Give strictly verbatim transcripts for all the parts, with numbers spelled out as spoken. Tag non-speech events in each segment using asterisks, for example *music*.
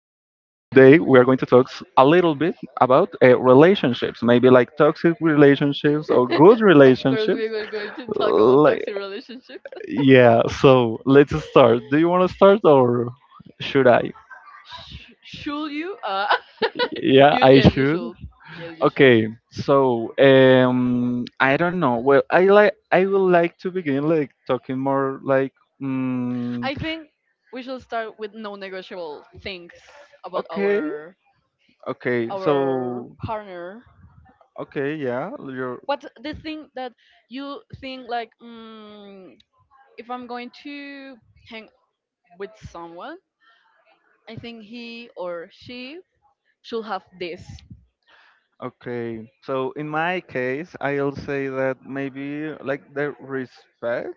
today we are going to talk s- a little bit about uh, relationships, maybe like toxic relationships or good *laughs* Of course, relationships. we were going to talk about Like, toxic relationships. *laughs* yeah. So let's start. Do you want to start or should I? Sh- should you? Uh, *laughs* Yeah, you I yes, you should. should. Yes, you should. Okay. So um, I don't know. Well, I like I would like to begin like talking more like mm, I think we should start with non-negotiable things about okay, our okay. our So partner. okay, yeah. You're What's the thing that you think like? Mm, if I'm going to hang with someone, I think he or she should have this. Okay, so in my case, I'll say that maybe like the respect,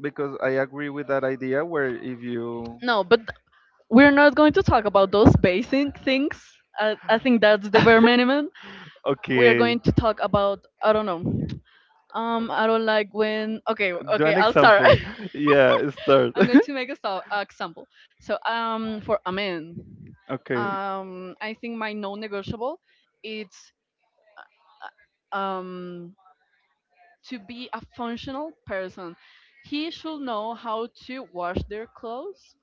because I agree with that idea where if you, No, but we're not going to talk about those basic things. I, I think that's the bare minimum. We are okay, going to talk about, I don't know. Um, I don't like when. Okay, do okay, an I'll start. example. *laughs* *laughs* Yeah, start. *laughs* I'm going to make a sto- uh, example. So um, for a man, Okay, um, I think my non-negotiable it's uh, um to be a functional person. He should know how to wash their clothes,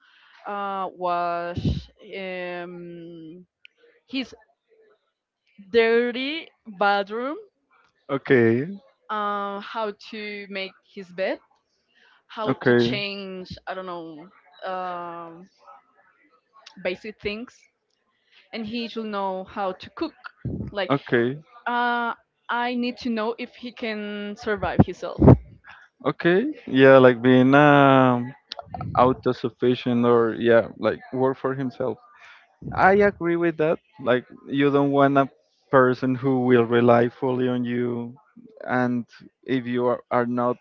uh, wash um, his dirty bathroom, okay, uh, how to make his bed, how to okay, change, I don't know, um, basic things. And he should know how to cook. Like, okay, uh, I need to know if he can survive himself. okay. Yeah, like being um autosufficient or yeah, like work for himself. I agree with that. Like, you don't want a person who will rely fully on you, and if you are, are not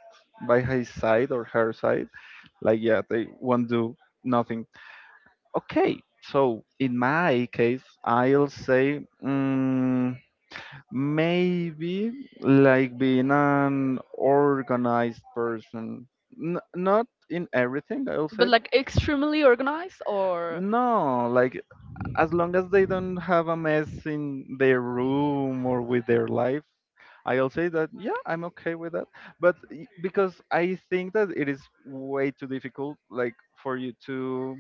by his side or her side, like, yeah, they won't do nothing. Okay, so in my case, i'll say mm, maybe like being an organized person. N- not in everything, I'll But say. like extremely organized or No, like, as long as they don't have a mess in their room or with their life, I'll say that, yeah, I'm okay with that. But y- because I think that it is way too difficult, like, for you to,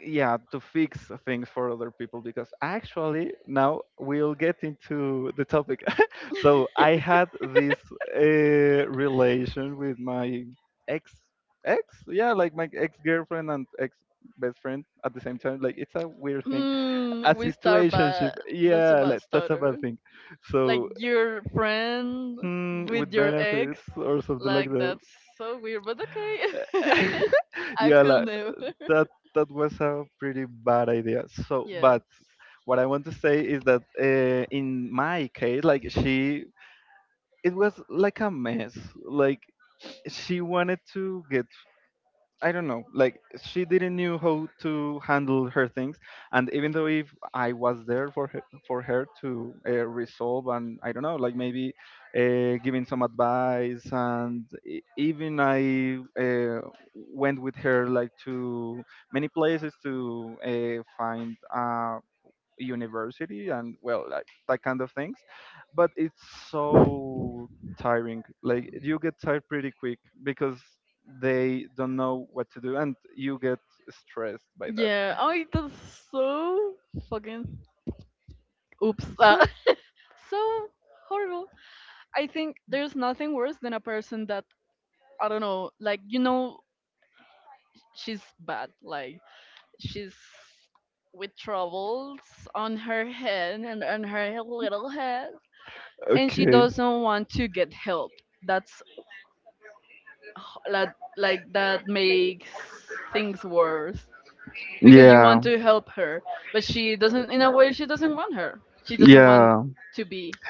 yeah, to fix things for other people, because actually now we'll get into the topic. *laughs* So I had this uh, relation with my ex. Ex yeah, like my ex girlfriend and ex best friend at the same time, like, it's a weird little thing. Mm, a situationship, yeah, bad. Like, starter, that's a bad exactly. thing. So, Your friend hmm, with with your ex, benefits or something like it's that. that's so weird, but okay. *laughs* *laughs* I, yeah, Yeah, could like, never. that *laughs* that was a pretty bad idea. So, but Yes. what I want to say is that, uh, in my case, like she, it was like a mess. Like, she wanted to get, I don't know, like, she didn't knew how to handle her things. And even though if I was there for her, for her to uh, resolve, and I don't know, like, maybe uh, giving some advice, and e- even I uh, went with her like to many places to uh, find. Uh, university and well, like, that kind of things. But it's so tiring, like, you get tired pretty quick because they don't know what to do and you get stressed by that. Yeah. Oh, *laughs* it was so fucking. Oops. Uh, so *laughs* so horrible. I think there's nothing worse than a person that, I don't know. Like, you know, she's bad. Like she's with troubles on her head and on her little head, and she okay, doesn't want to get help. That's h- like, like that makes things worse because you yeah, want to help her, but she doesn't, in a way she doesn't want her she doesn't want yeah, to be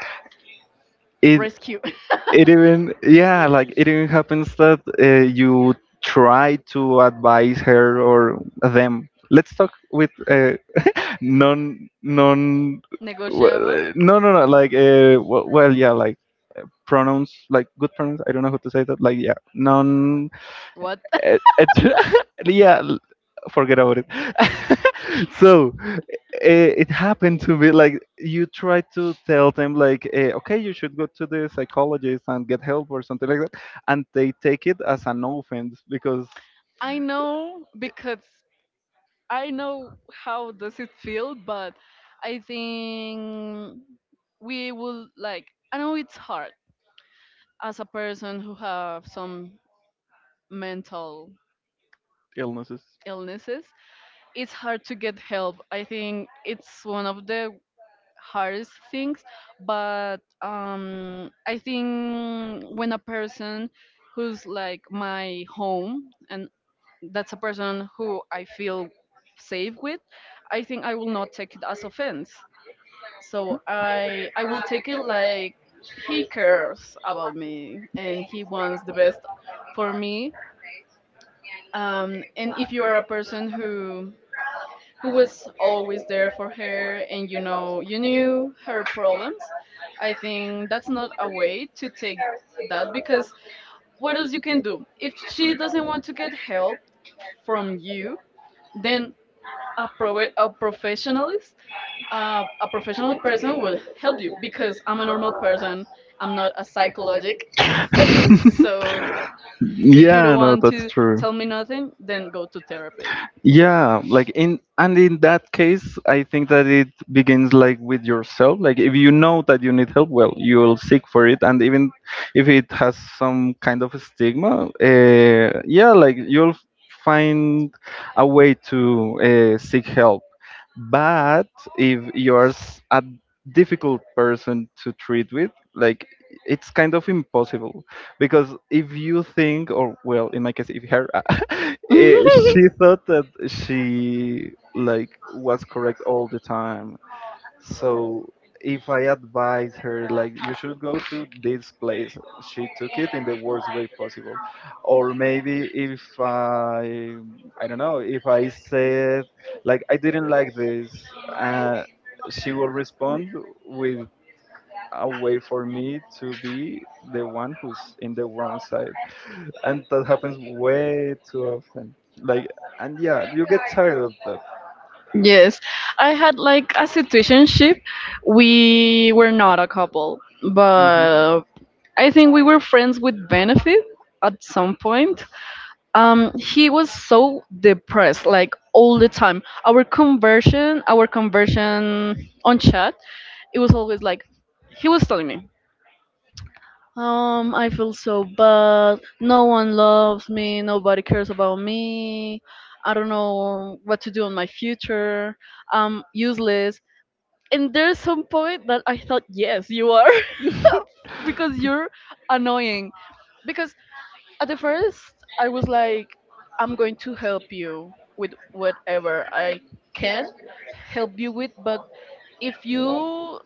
it rescued. *laughs* it even, yeah, like, it even happens that uh, you try to advise her or them, let's talk with uh, non non well, Negotiable eh, no, no, no, like, uh, w- well, yeah, like, pronouns, like good pronouns. I don't know how to say that. Like, yeah, non, what? et, et, *laughs* yeah, l- forget about it. *laughs* So eh, it happened to me. Like, you try to tell them like, eh, okay, you should go to the psychologist and get help or something like that, and they take it as an offense because *laughs* I know, because I know how does it feel, but I think we will, like, I know it's hard as a person who have some mental illnesses. illnesses. It's hard to get help. I think it's one of the hardest things, but um, I think when a person who's like my home and that's a person who I feel safe with, I think I will not take it as offense. So I I will take it like he cares about me and he wants the best for me. Um, and if you are a person who who was always there for her and you know, you knew her problems, I think that's not a way to take that because what else you can do if she doesn't want to get help from you? Then a pro- a professionalist, uh, a professional person will help you because I'm a normal person. I'm not a psychologic. *laughs* So *laughs* if you don't Yeah, no, want to that's true. tell me nothing, then go to therapy. Yeah, like, in, and in that case, I think that it begins like with yourself. Like, if you know that you need help, well, you'll seek for it, and even if it has some kind of a stigma, uh, yeah, like, you'll find a way to uh, seek help. But if you're s- a difficult person to treat with, like, it's kind of impossible because if you think or, well, in my case, if her *laughs* eh, she *laughs* thought that she like was correct all the time. So if I advise her like, you should go to this place, she took it in the worst way possible. Or maybe if i i don't know, if I said like I didn't like this, uh, she will respond with a way for me to be the one who's in the wrong side. *laughs* And that happens way too often. Like, and yeah, you get tired of that. Yes, I had like a situationship. We were not a couple, Hmm. but I think we were friends with benefit at some point. Um, he was so depressed, like all the time. Our conversion, our conversion on chat, it was always like he was telling me, um, I feel so bad. No one loves me. Nobody cares about me. I don't know what to do in my future. I'm useless, and there's some point that I thought, yes, you are, *laughs* because you're annoying. Because at the first, I was like, I'm going to help you with whatever I can help you with, but if you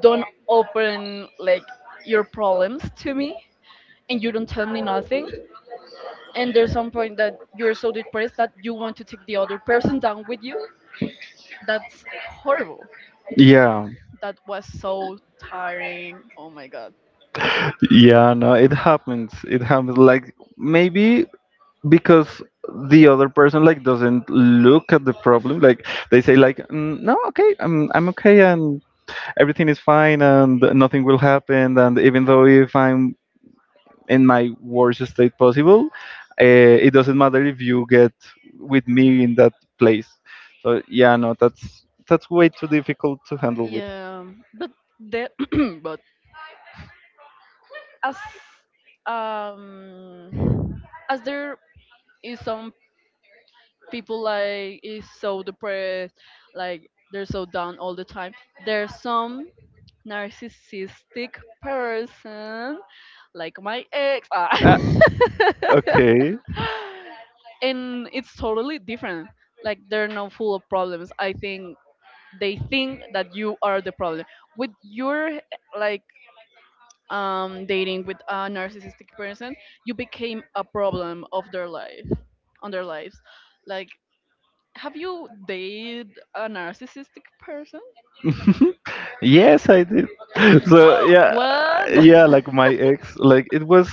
don't open like your problems to me and you don't tell me nothing, and there's some point that you're so depressed that you want to take the other person down with you, that's horrible. Yeah. That was so tiring. Oh my god. Yeah, no, it happens. It happens. Like, maybe because the other person like doesn't look at the problem. Like, they say like, mm, no, okay, I'm I'm okay, and everything is fine and nothing will happen. And even though if I'm in my worst state possible, uh, it doesn't matter if you get with me in that place. So yeah, no, that's that's way too difficult to handle with. Yeah, but the *clears throat* but as um as there is some people like is so depressed, like they're so down all the time. There's some narcissistic person, like my ex, ah. Ah, *laughs* okay. And it's totally different. Like they're not full of problems. I think they think that you are the problem with your, like, um, dating with a narcissistic person, you became a problem of their life, on their lives. Like, have you dated a narcissistic person? *laughs* Yes, I did. *laughs* So *laughs* yeah, What? yeah, *laughs* like my ex, like it was,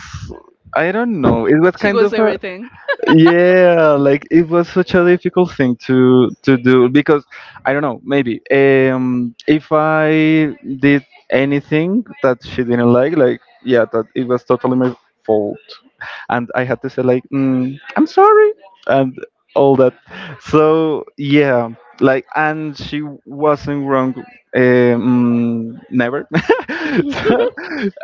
I don't know, it was She kind goes of a, everything. yeah, like, it was such a difficult thing to to do because I don't know, maybe um if I did anything that she didn't like, like yeah, that it was totally my fault, and I had to say like, mm, "I'm sorry," and all that. So yeah, like, and she wasn't wrong. Um, never. *laughs* So,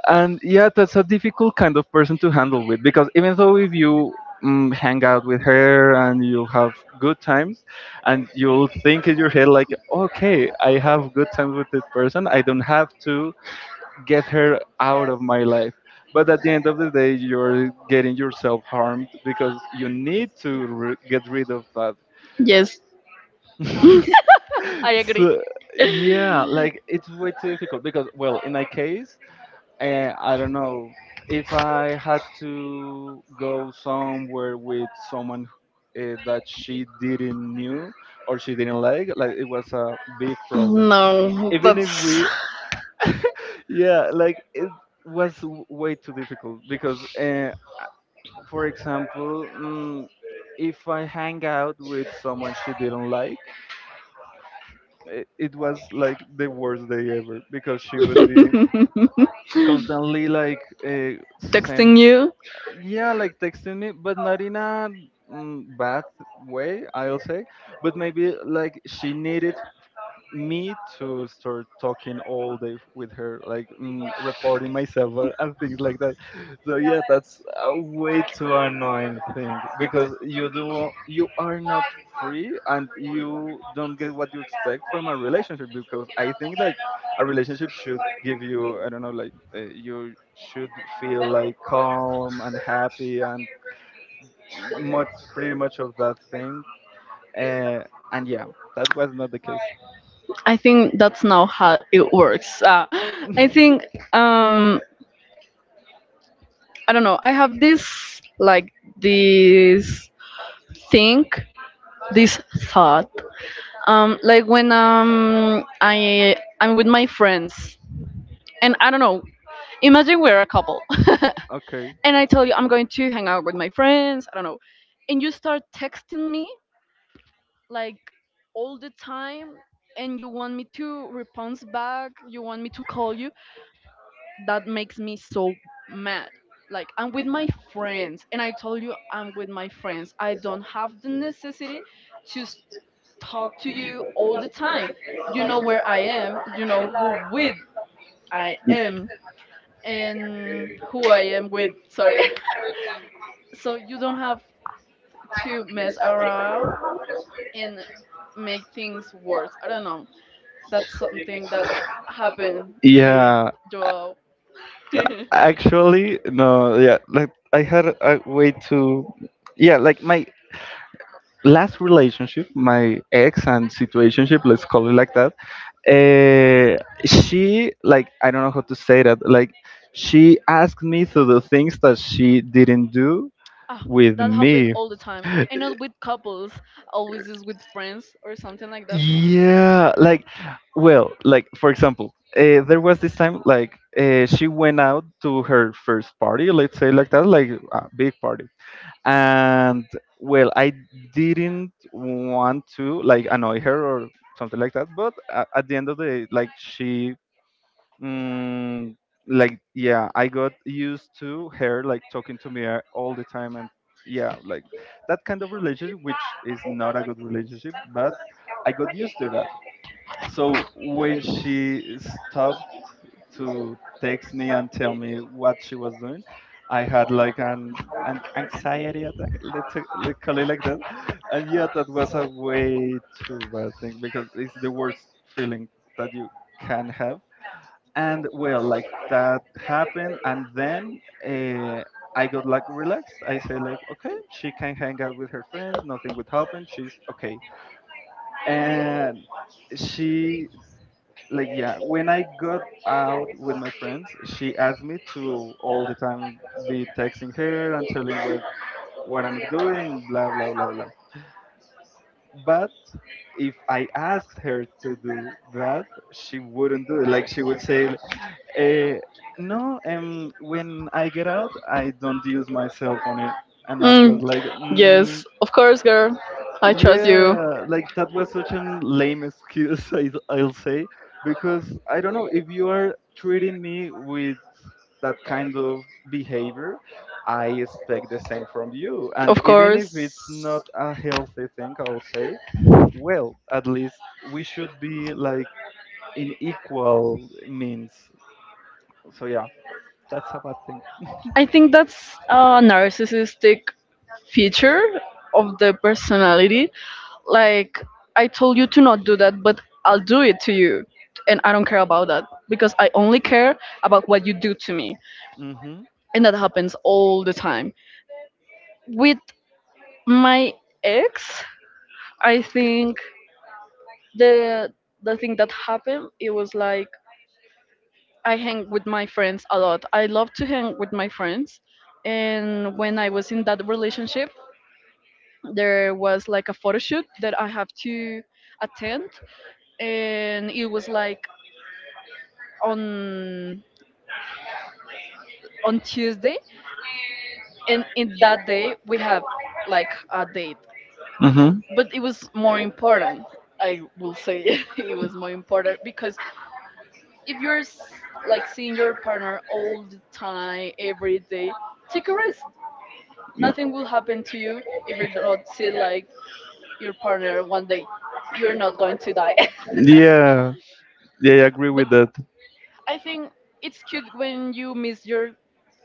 and yeah, that's a difficult kind of person to handle with, because even though if you, mm, hang out with her and you have good times, and you'll think in your head like, okay, I have good times with this person. I don't have to get her out of my life. But at the end of the day, you're getting yourself harmed because you need to re- get rid of that. Yes, *laughs* I agree. So yeah, *laughs* like, it's way too difficult because well, in my case, uh, I don't know, if I had to go somewhere with someone uh, that she didn't knew or she didn't like. Like, it was a big problem. No, Even if that's we, yeah, like, it was w- way too difficult because uh, for example, mm, if I hang out with someone she didn't like, it, it was like the worst day ever because she would be *laughs* constantly like, uh, send texting you. yeah, like, texting me, but not in a, mm, bad way, I'll say. But maybe like she needed me to start talking all day f- with her, like, mm, reporting myself or, and things like that. So yeah, that's a way too annoying thing because you do you are not free and you don't get what you expect from a relationship, because I think like a relationship should give you, I don't know, like, uh, you should feel like calm and happy and much pretty much of that thing. Uh, and yeah, that was not the case. I think that's not how it works. Uh, I think, um, I don't know. I have this like this think, this thought. Um, like when um I I'm with my friends, and I don't know. Imagine we're a couple, *laughs* *laughs* Okay. and I tell you I'm going to hang out with my friends. I don't know, and you start texting me like all the time, and you want me to respond back. You want me to call you. That makes me so mad. Like, I'm with my friends, and I told you I'm with my friends. I don't have the necessity to s- talk to you all the time. You know where I am. You know who with I am and who I am with. Sorry. *laughs* So you don't have to mess around and make things worse. I don't know. That's something that happened with Yeah, Joao. *laughs* actually, no, yeah, like, I had a way to, yeah, like my last relationship, my ex and situationship, let's call it like that. Uh, she, like, I don't know how to say that, like, she asked me to do things that she didn't do Ah, with that happen me. all the time and not with couples, always is with friends or something like that. Yeah, like, well, like, for example, uh, there was this time, like, uh, she went out to her first party, let's say like that, like a big party. And well, I didn't want to like annoy her or something like that, but at, at the end of the day, like, she, mm, like, yeah, I got used to her like talking to me uh, all the time, and yeah, like, that kind of relationship, which is not a good relationship, but I got used to that. So when she stopped to text me and tell me what she was doing, I had like an an anxiety attack, let's, let's call it like that. And yeah, that was a way too bad thing because it's the worst feeling that you can have. And well, like, that happened, and then uh, I got like relaxed. I say like, okay, she can hang out with her friends. Nothing would happen. She's okay. And she, like, yeah, when I got out with my friends, she asked me to all the time be texting her and telling what what I'm doing, blah, blah, blah, blah. But if I asked her to do that, she wouldn't do it. Like, she would say, eh, no, um when I get out I don't use my cell phone it. And I mm, was like, yes, mm, of course, girl, I trust you. yeah, like, that was such a lame excuse. *laughs* I, I'll say, because I don't know, if you are treating me with that kind of behavior, I expect the same from you. And Of even if course. it's not a healthy thing, I would say, well, at least we should be like in equal means. So yeah, that's a bad thing. I think that's a narcissistic feature of the personality, like I told you to not do that, but I'll do it to you, and I don't care about that because I only care about what you do to me, Hmm. and that happens all the time. With my ex, I think the the thing that happened, it was like I hang with my friends a lot. I love to hang with my friends, and when I was in that relationship, there was like a photo shoot that I have to attend, and it was like on on Tuesday, and in that day we have like a date. Hmm. But it was more important. I will say *laughs* it was more important because if you're s- like seeing your partner all the time, every day, take a rest. Nothing will happen to you if you do not see like your partner one day. You're not going to die. Yeah. Yeah, yeah, I agree *laughs* But with that. I think it's cute when you miss your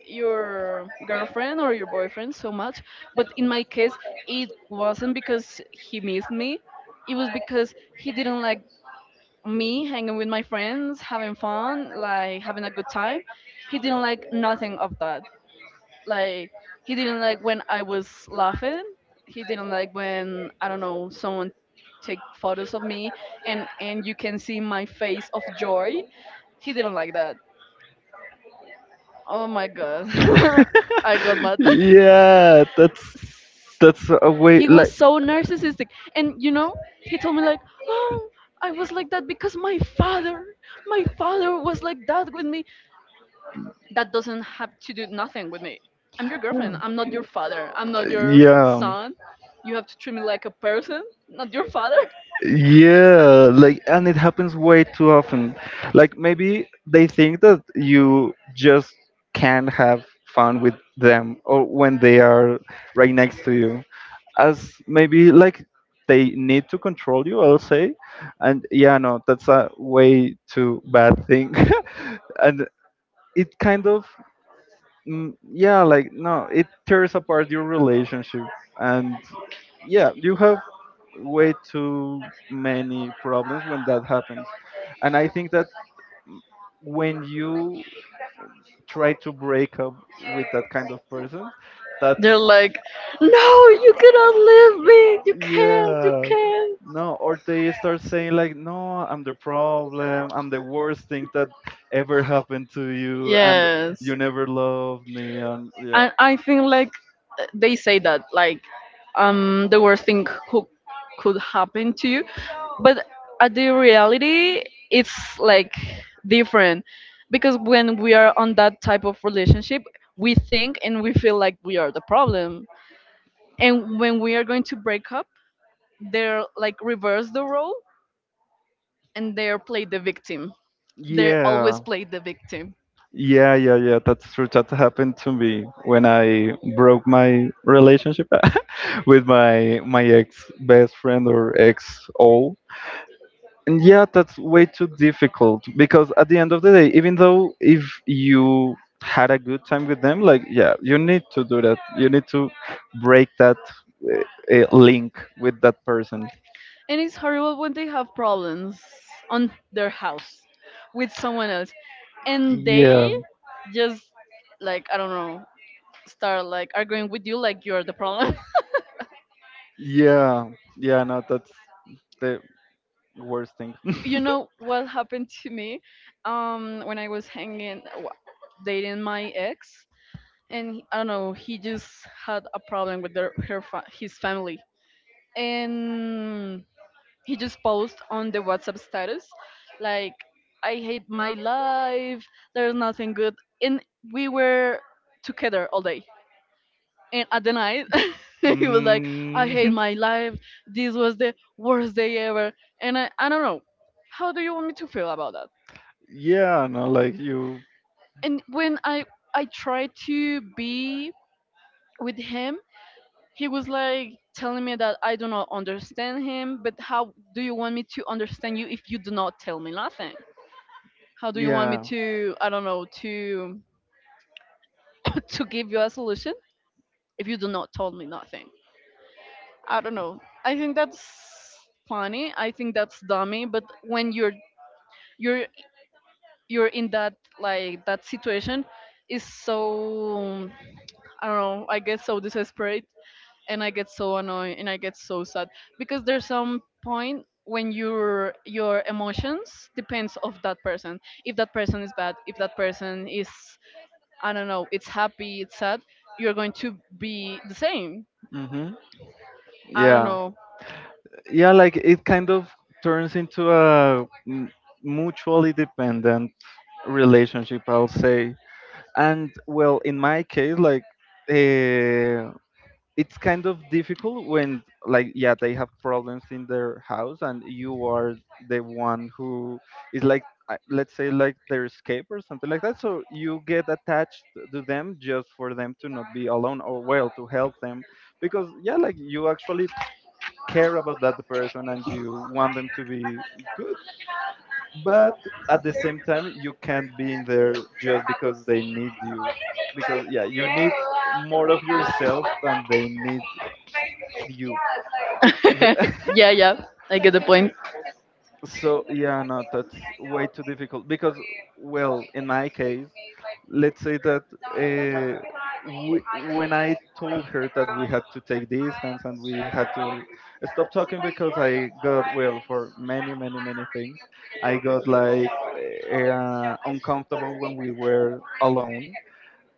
your girlfriend or your boyfriend so much, but in my case, it wasn't because he missed me. It was because he didn't like me hanging with my friends, having fun, like having a good time. He didn't like nothing of that. Like, he didn't like when I was laughing. He didn't like when, I don't know, someone take photos of me and and you can see my face of joy, he didn't like that. Oh my god. *laughs* I got *laughs* mad. Yeah, that's *laughs* that's a way He like was so narcissistic. And you know, he told me like, "Oh, I was like that because my father, my father was like that with me." That doesn't have to do nothing with me. I'm your girlfriend. I'm not your father. I'm not your yeah. son. You have to treat me like a person, not your father. Yeah, like, and it happens way too often. Like, maybe they think that you just can't have fun with them or when they are right next to you. As maybe like they need to control you, I'll say. And yeah, no, that's a way too bad thing. *laughs* And it kind of, mm, yeah, like, no, it tears apart your relationship, and yeah, you have way too many problems when that happens. And I think that, mm, when you try to break up with that kind of person, *laughs* They're that's. like, "No, you cannot leave me. You can't. You Yeah. can't." No, or they start saying like, "No, I'm the problem. I'm the worst thing that ever happened to you, and Yes. you never loved me." And yeah, And I think like they say that like um the worst thing who could happen to you, but at the reality it's like different because when we are on that type of relationship we think and we feel like we are the problem, and when we are going to break up, they're like reverse the role, and they're play the victim. They yeah, always play the victim. yeah, yeah, yeah. That's true. That happened to me when I broke my relationship *laughs* with my my ex best friend or ex all. And yeah, that's way too difficult because at the end of the day, even though if you had a good time with them, like, yeah, you need to do that. You need to break that uh, uh, link with that person. And it's horrible when they have problems on their house with someone else. And Yeah. they just, like, I don't know, start like arguing with you like you're the problem. Yeah. Yeah, no, that's the worst thing. *laughs* You know what happened to me? *laughs* Um when I was hanging wa- dating my ex, and he- I don't know, he just had a problem with their, her fa- his family. And he just posted on the WhatsApp status like, I hate my life, there's nothing good, and we were together all day. And at the night, *laughs* he was like, I Mm, hate my life, this was the worst day *laughs* ever, and I, I don't know. How do you want me to feel about that? yeah, no, like you, And when I I tried to be with him, he was like telling me that I do not understand him, but how do you want me to understand you if you do not tell me nothing? How do you want me yeah, to, I don't know, to *laughs* to give you a solution if you do not tell me nothing? I don't know. I think that's funny. I think that's dummy, but when you're you're you're in that like that situation is so, I don't know, I get so desperate and I get so annoyed and I get so sad because there's some point when your your emotions depends of that person. If that person is bad, if that person is, I don't know, it's happy, it's sad, you're going to be the same. hmm I don't yeah. know. Yeah, like it kind of turns into a m- mutually dependent relationship, I'll say. And well, in my case, like, uh, it's kind of difficult when, like, yeah, they have problems in their house and you are the one who is like, uh, let's say, like their escape or something like that, so you get attached to them just for them to not be alone, or well, to help them because, yeah, like you actually care about that person and you want them to be good. But at the same time, you can't be in there just because they need you, because yeah, you need more of yourself than they need you. So, *laughs* *laughs* yeah, yeah, I get the point. so yeah, no, that's way too difficult because, well, in my case, let's say that uh, we, when I told her that we had to take distance and we had to stop talking because I got, well, for many, many, many things, I got like uh, uncomfortable when we were alone.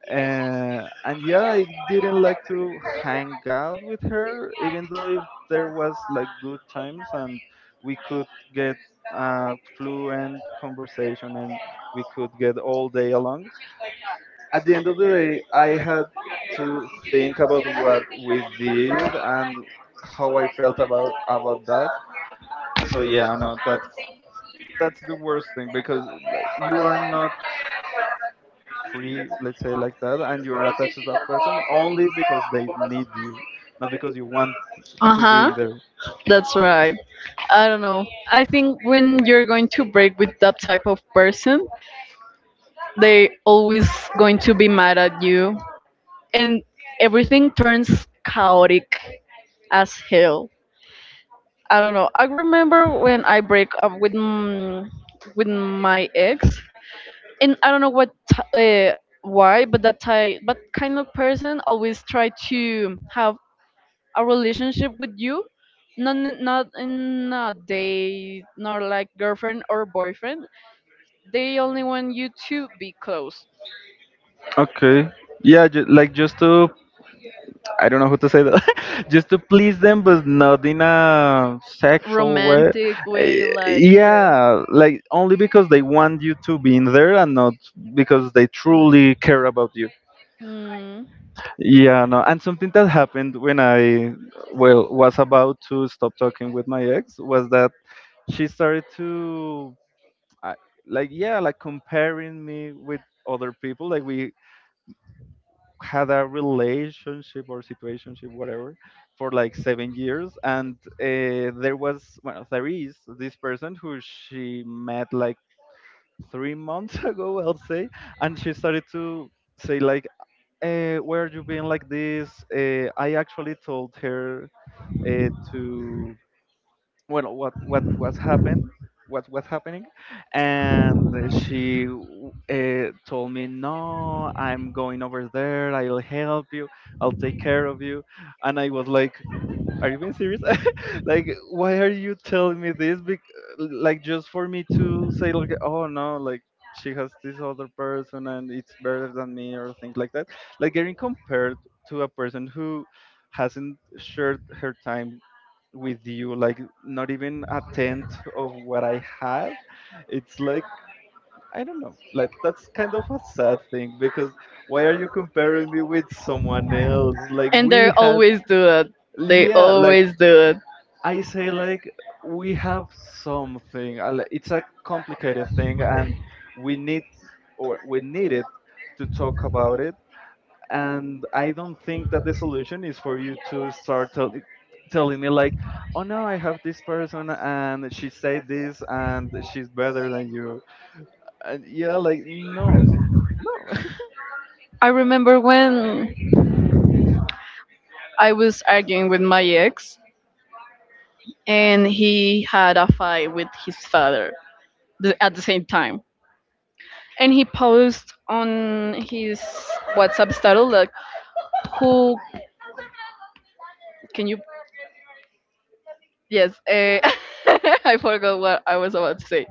Uh, and yeah, I didn't like to hang out with her, even though if there was like good times and we could get uh, fluent conversation and we could get all day along. At the end of the day, I had to think about what we did and how I felt about about that. So yeah, no, that that's the worst thing, because like you are not free, let's say like that, and you are attached to that person only because they need you, not because you want Uh to be huh. in there. That's right. I don't know. I think when you're going to break with that type of person, they always going to be mad at you, and everything turns chaotic as hell. I don't know. I remember when I break up with mm, with my ex, and I don't know what t- uh, why, but that type, but kind of person always try to have a relationship with you, not n- not in a date, nor like girlfriend or boyfriend. They only want you to be close, Okay. Yeah, ju- like, just to, I don't know how to say that, *laughs* just to please them, but not in a sexual way. romantic Eh, way, like yeah. yeah, like only because they want you to be in there and not because they truly care about you. Mm. Yeah, no. And something that happened when I, well, was about to stop talking with my ex was that she started to, I, like, yeah, like comparing me with other people. Like we had a relationship or situationship, whatever, for like seven years, and uh, there was, well, there is this person who she met like three months *laughs* ago, I'll say. And she started to say like, uh, where are you being like this? uh, I actually told her uh, to, well, what what was happened, what was happening. And she uh, told me, no, I'm going over there, I'll help you, I'll take care of you. And I was like, are *laughs* you being serious? *laughs* Like, why are you telling me this? Bec- like, just for me to say, like, oh no, like she has this other person and it's better than me or things like that. Like getting compared to a person who hasn't shared her time with you, like not even a tenth of what I have. It's like, I don't know. Like that's kind of a sad thing because why are you comparing me with someone else? Like And they we had, always do it. They yeah, like always do it. I say, like we have something. uh, li- It's a complicated thing, and we need, or we need it, to talk about it. And I don't think that the solution is for you to start tell, telling me like, oh no, I have this person and she said this and she's better than you. And yeah, like no, w- no. *laughs* I remember when I was arguing with my ex and he had a fight with his father th- at the same time. And he posted on his WhatsApp status like, "Who can you Yes, uh, *laughs* I forgot what I was about to say.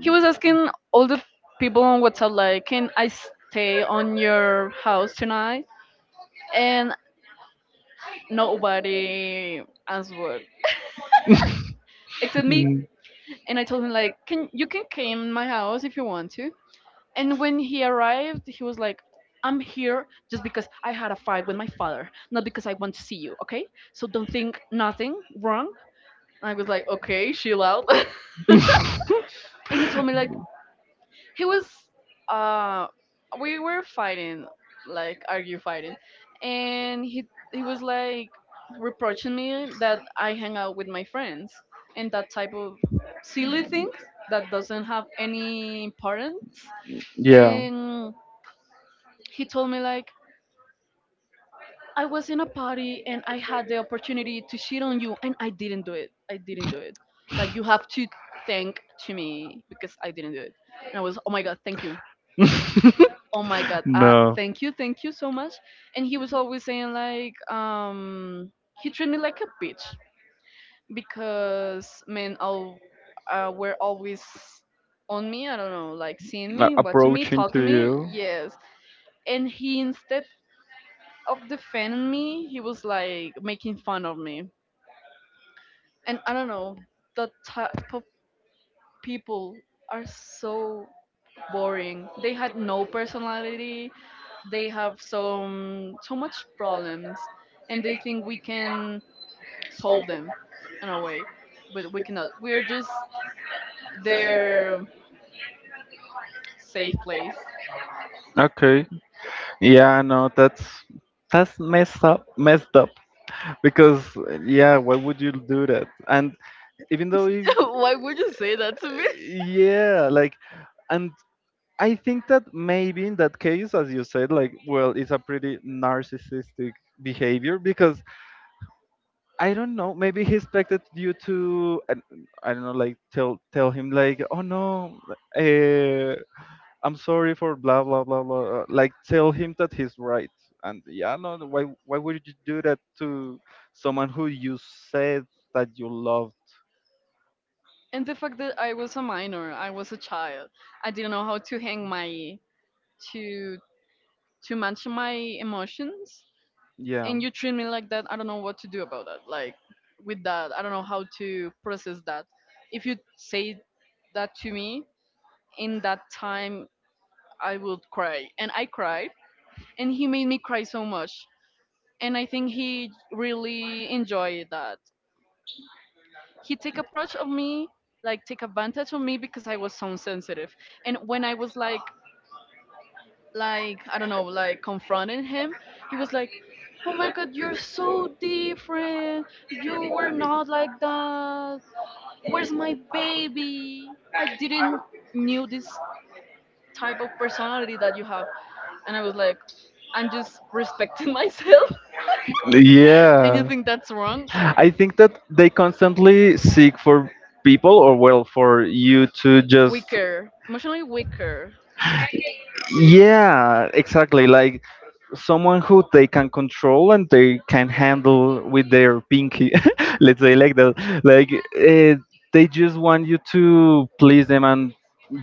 He was asking all the people on WhatsApp, like, can I stay on your house tonight? And nobody answered except me. Mm. And I told him, like, can you can come my house if you want to. And when he arrived, he was like, I'm here just because I had a fight with my father, not because I want to see you, okay? So don't think nothing wrong. I was like, okay, chill out. *laughs* And he told me like he was uh we were fighting, like argue fighting, and he he was *laughs* like reproaching me that I hang out with my friends and that type of silly things that doesn't have any importance. yeah. And he told me like I was in a party and I had the opportunity to shit on you and i didn't do it i didn't do it Like you have to thank to me because I didn't do it. And I was, oh my god, thank you, oh *laughs* my god, uh no. thank you, thank you so much. And he was always saying like um he treated me like a bitch because men all uh, were always on me. I don't know, like seeing Like me, watching me, approaching to talking me, you. yes. And he, instead of defending me, he was like making fun of me. And I don't know, that type of people are so boring. They had no personality. They have some so much problems, and they think we can solve them in a way, but we cannot. We're just their safe place. Okay, yeah, no, that's that's messed up, messed up. Because yeah, why would you do that? And even though if, *laughs* Why would you say that to me? *laughs* yeah, like, and I think that maybe in that case, as you said, like, well, it's a pretty narcissistic behavior because I don't know, maybe he expected you to, I, I don't know, like tell tell him like, oh no, uh, I'm sorry for blah blah blah blah. uh, Like tell him that he's right. And yeah, no, no, why why would you do that to someone who you said that you loved? And the fact that I was a minor, I was a child. I didn't know how to hang my to to manage my emotions. Yeah, And you treat me like that. I don't know what to do about that, like with that. I don't know how to process that. If you say that to me in that time, I would cry, and I cried, and he made me cry so much. And I think he really enjoyed that. He take approach of me, like take advantage of me, because I was so sensitive. And when I was like like I don't know, like confronting him, he was like, "Oh my God, you're so different. You were not like that. Where's my baby? I didn't knew this type of personality that you have." And I was like, "I'm just respecting *laughs* myself, don't. *laughs* and you Yeah. think that's *laughs* wrong? I think that they constantly seek for people, or well, for you to just, Weaker, emotionally weaker." yeah, exactly. Like someone who they can control and they can handle with their pinky, *laughs* let's say like that, like, uh, they just want you to please them and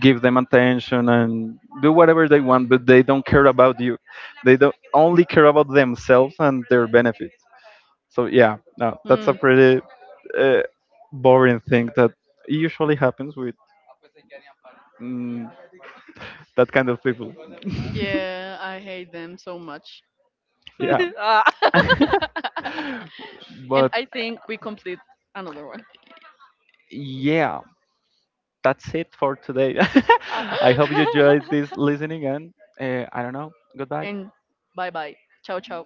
give them attention and do whatever they want, but they don't care about you. They don't, only care about themselves and their benefit. So yeah, no, that's a Hmm. pretty uh, boring thing that usually happens with, mm, that kind of people. Yeah, I hate them so much. *laughs* *laughs* Yeah. Ah. *laughs* *laughs* And But I think we complete another one. yeah, that's it for today. Uh, *laughs* I hope you enjoyed this listening, and uh, I don't know. *laughs* Goodbye. and bye bye. Ciao, ciao.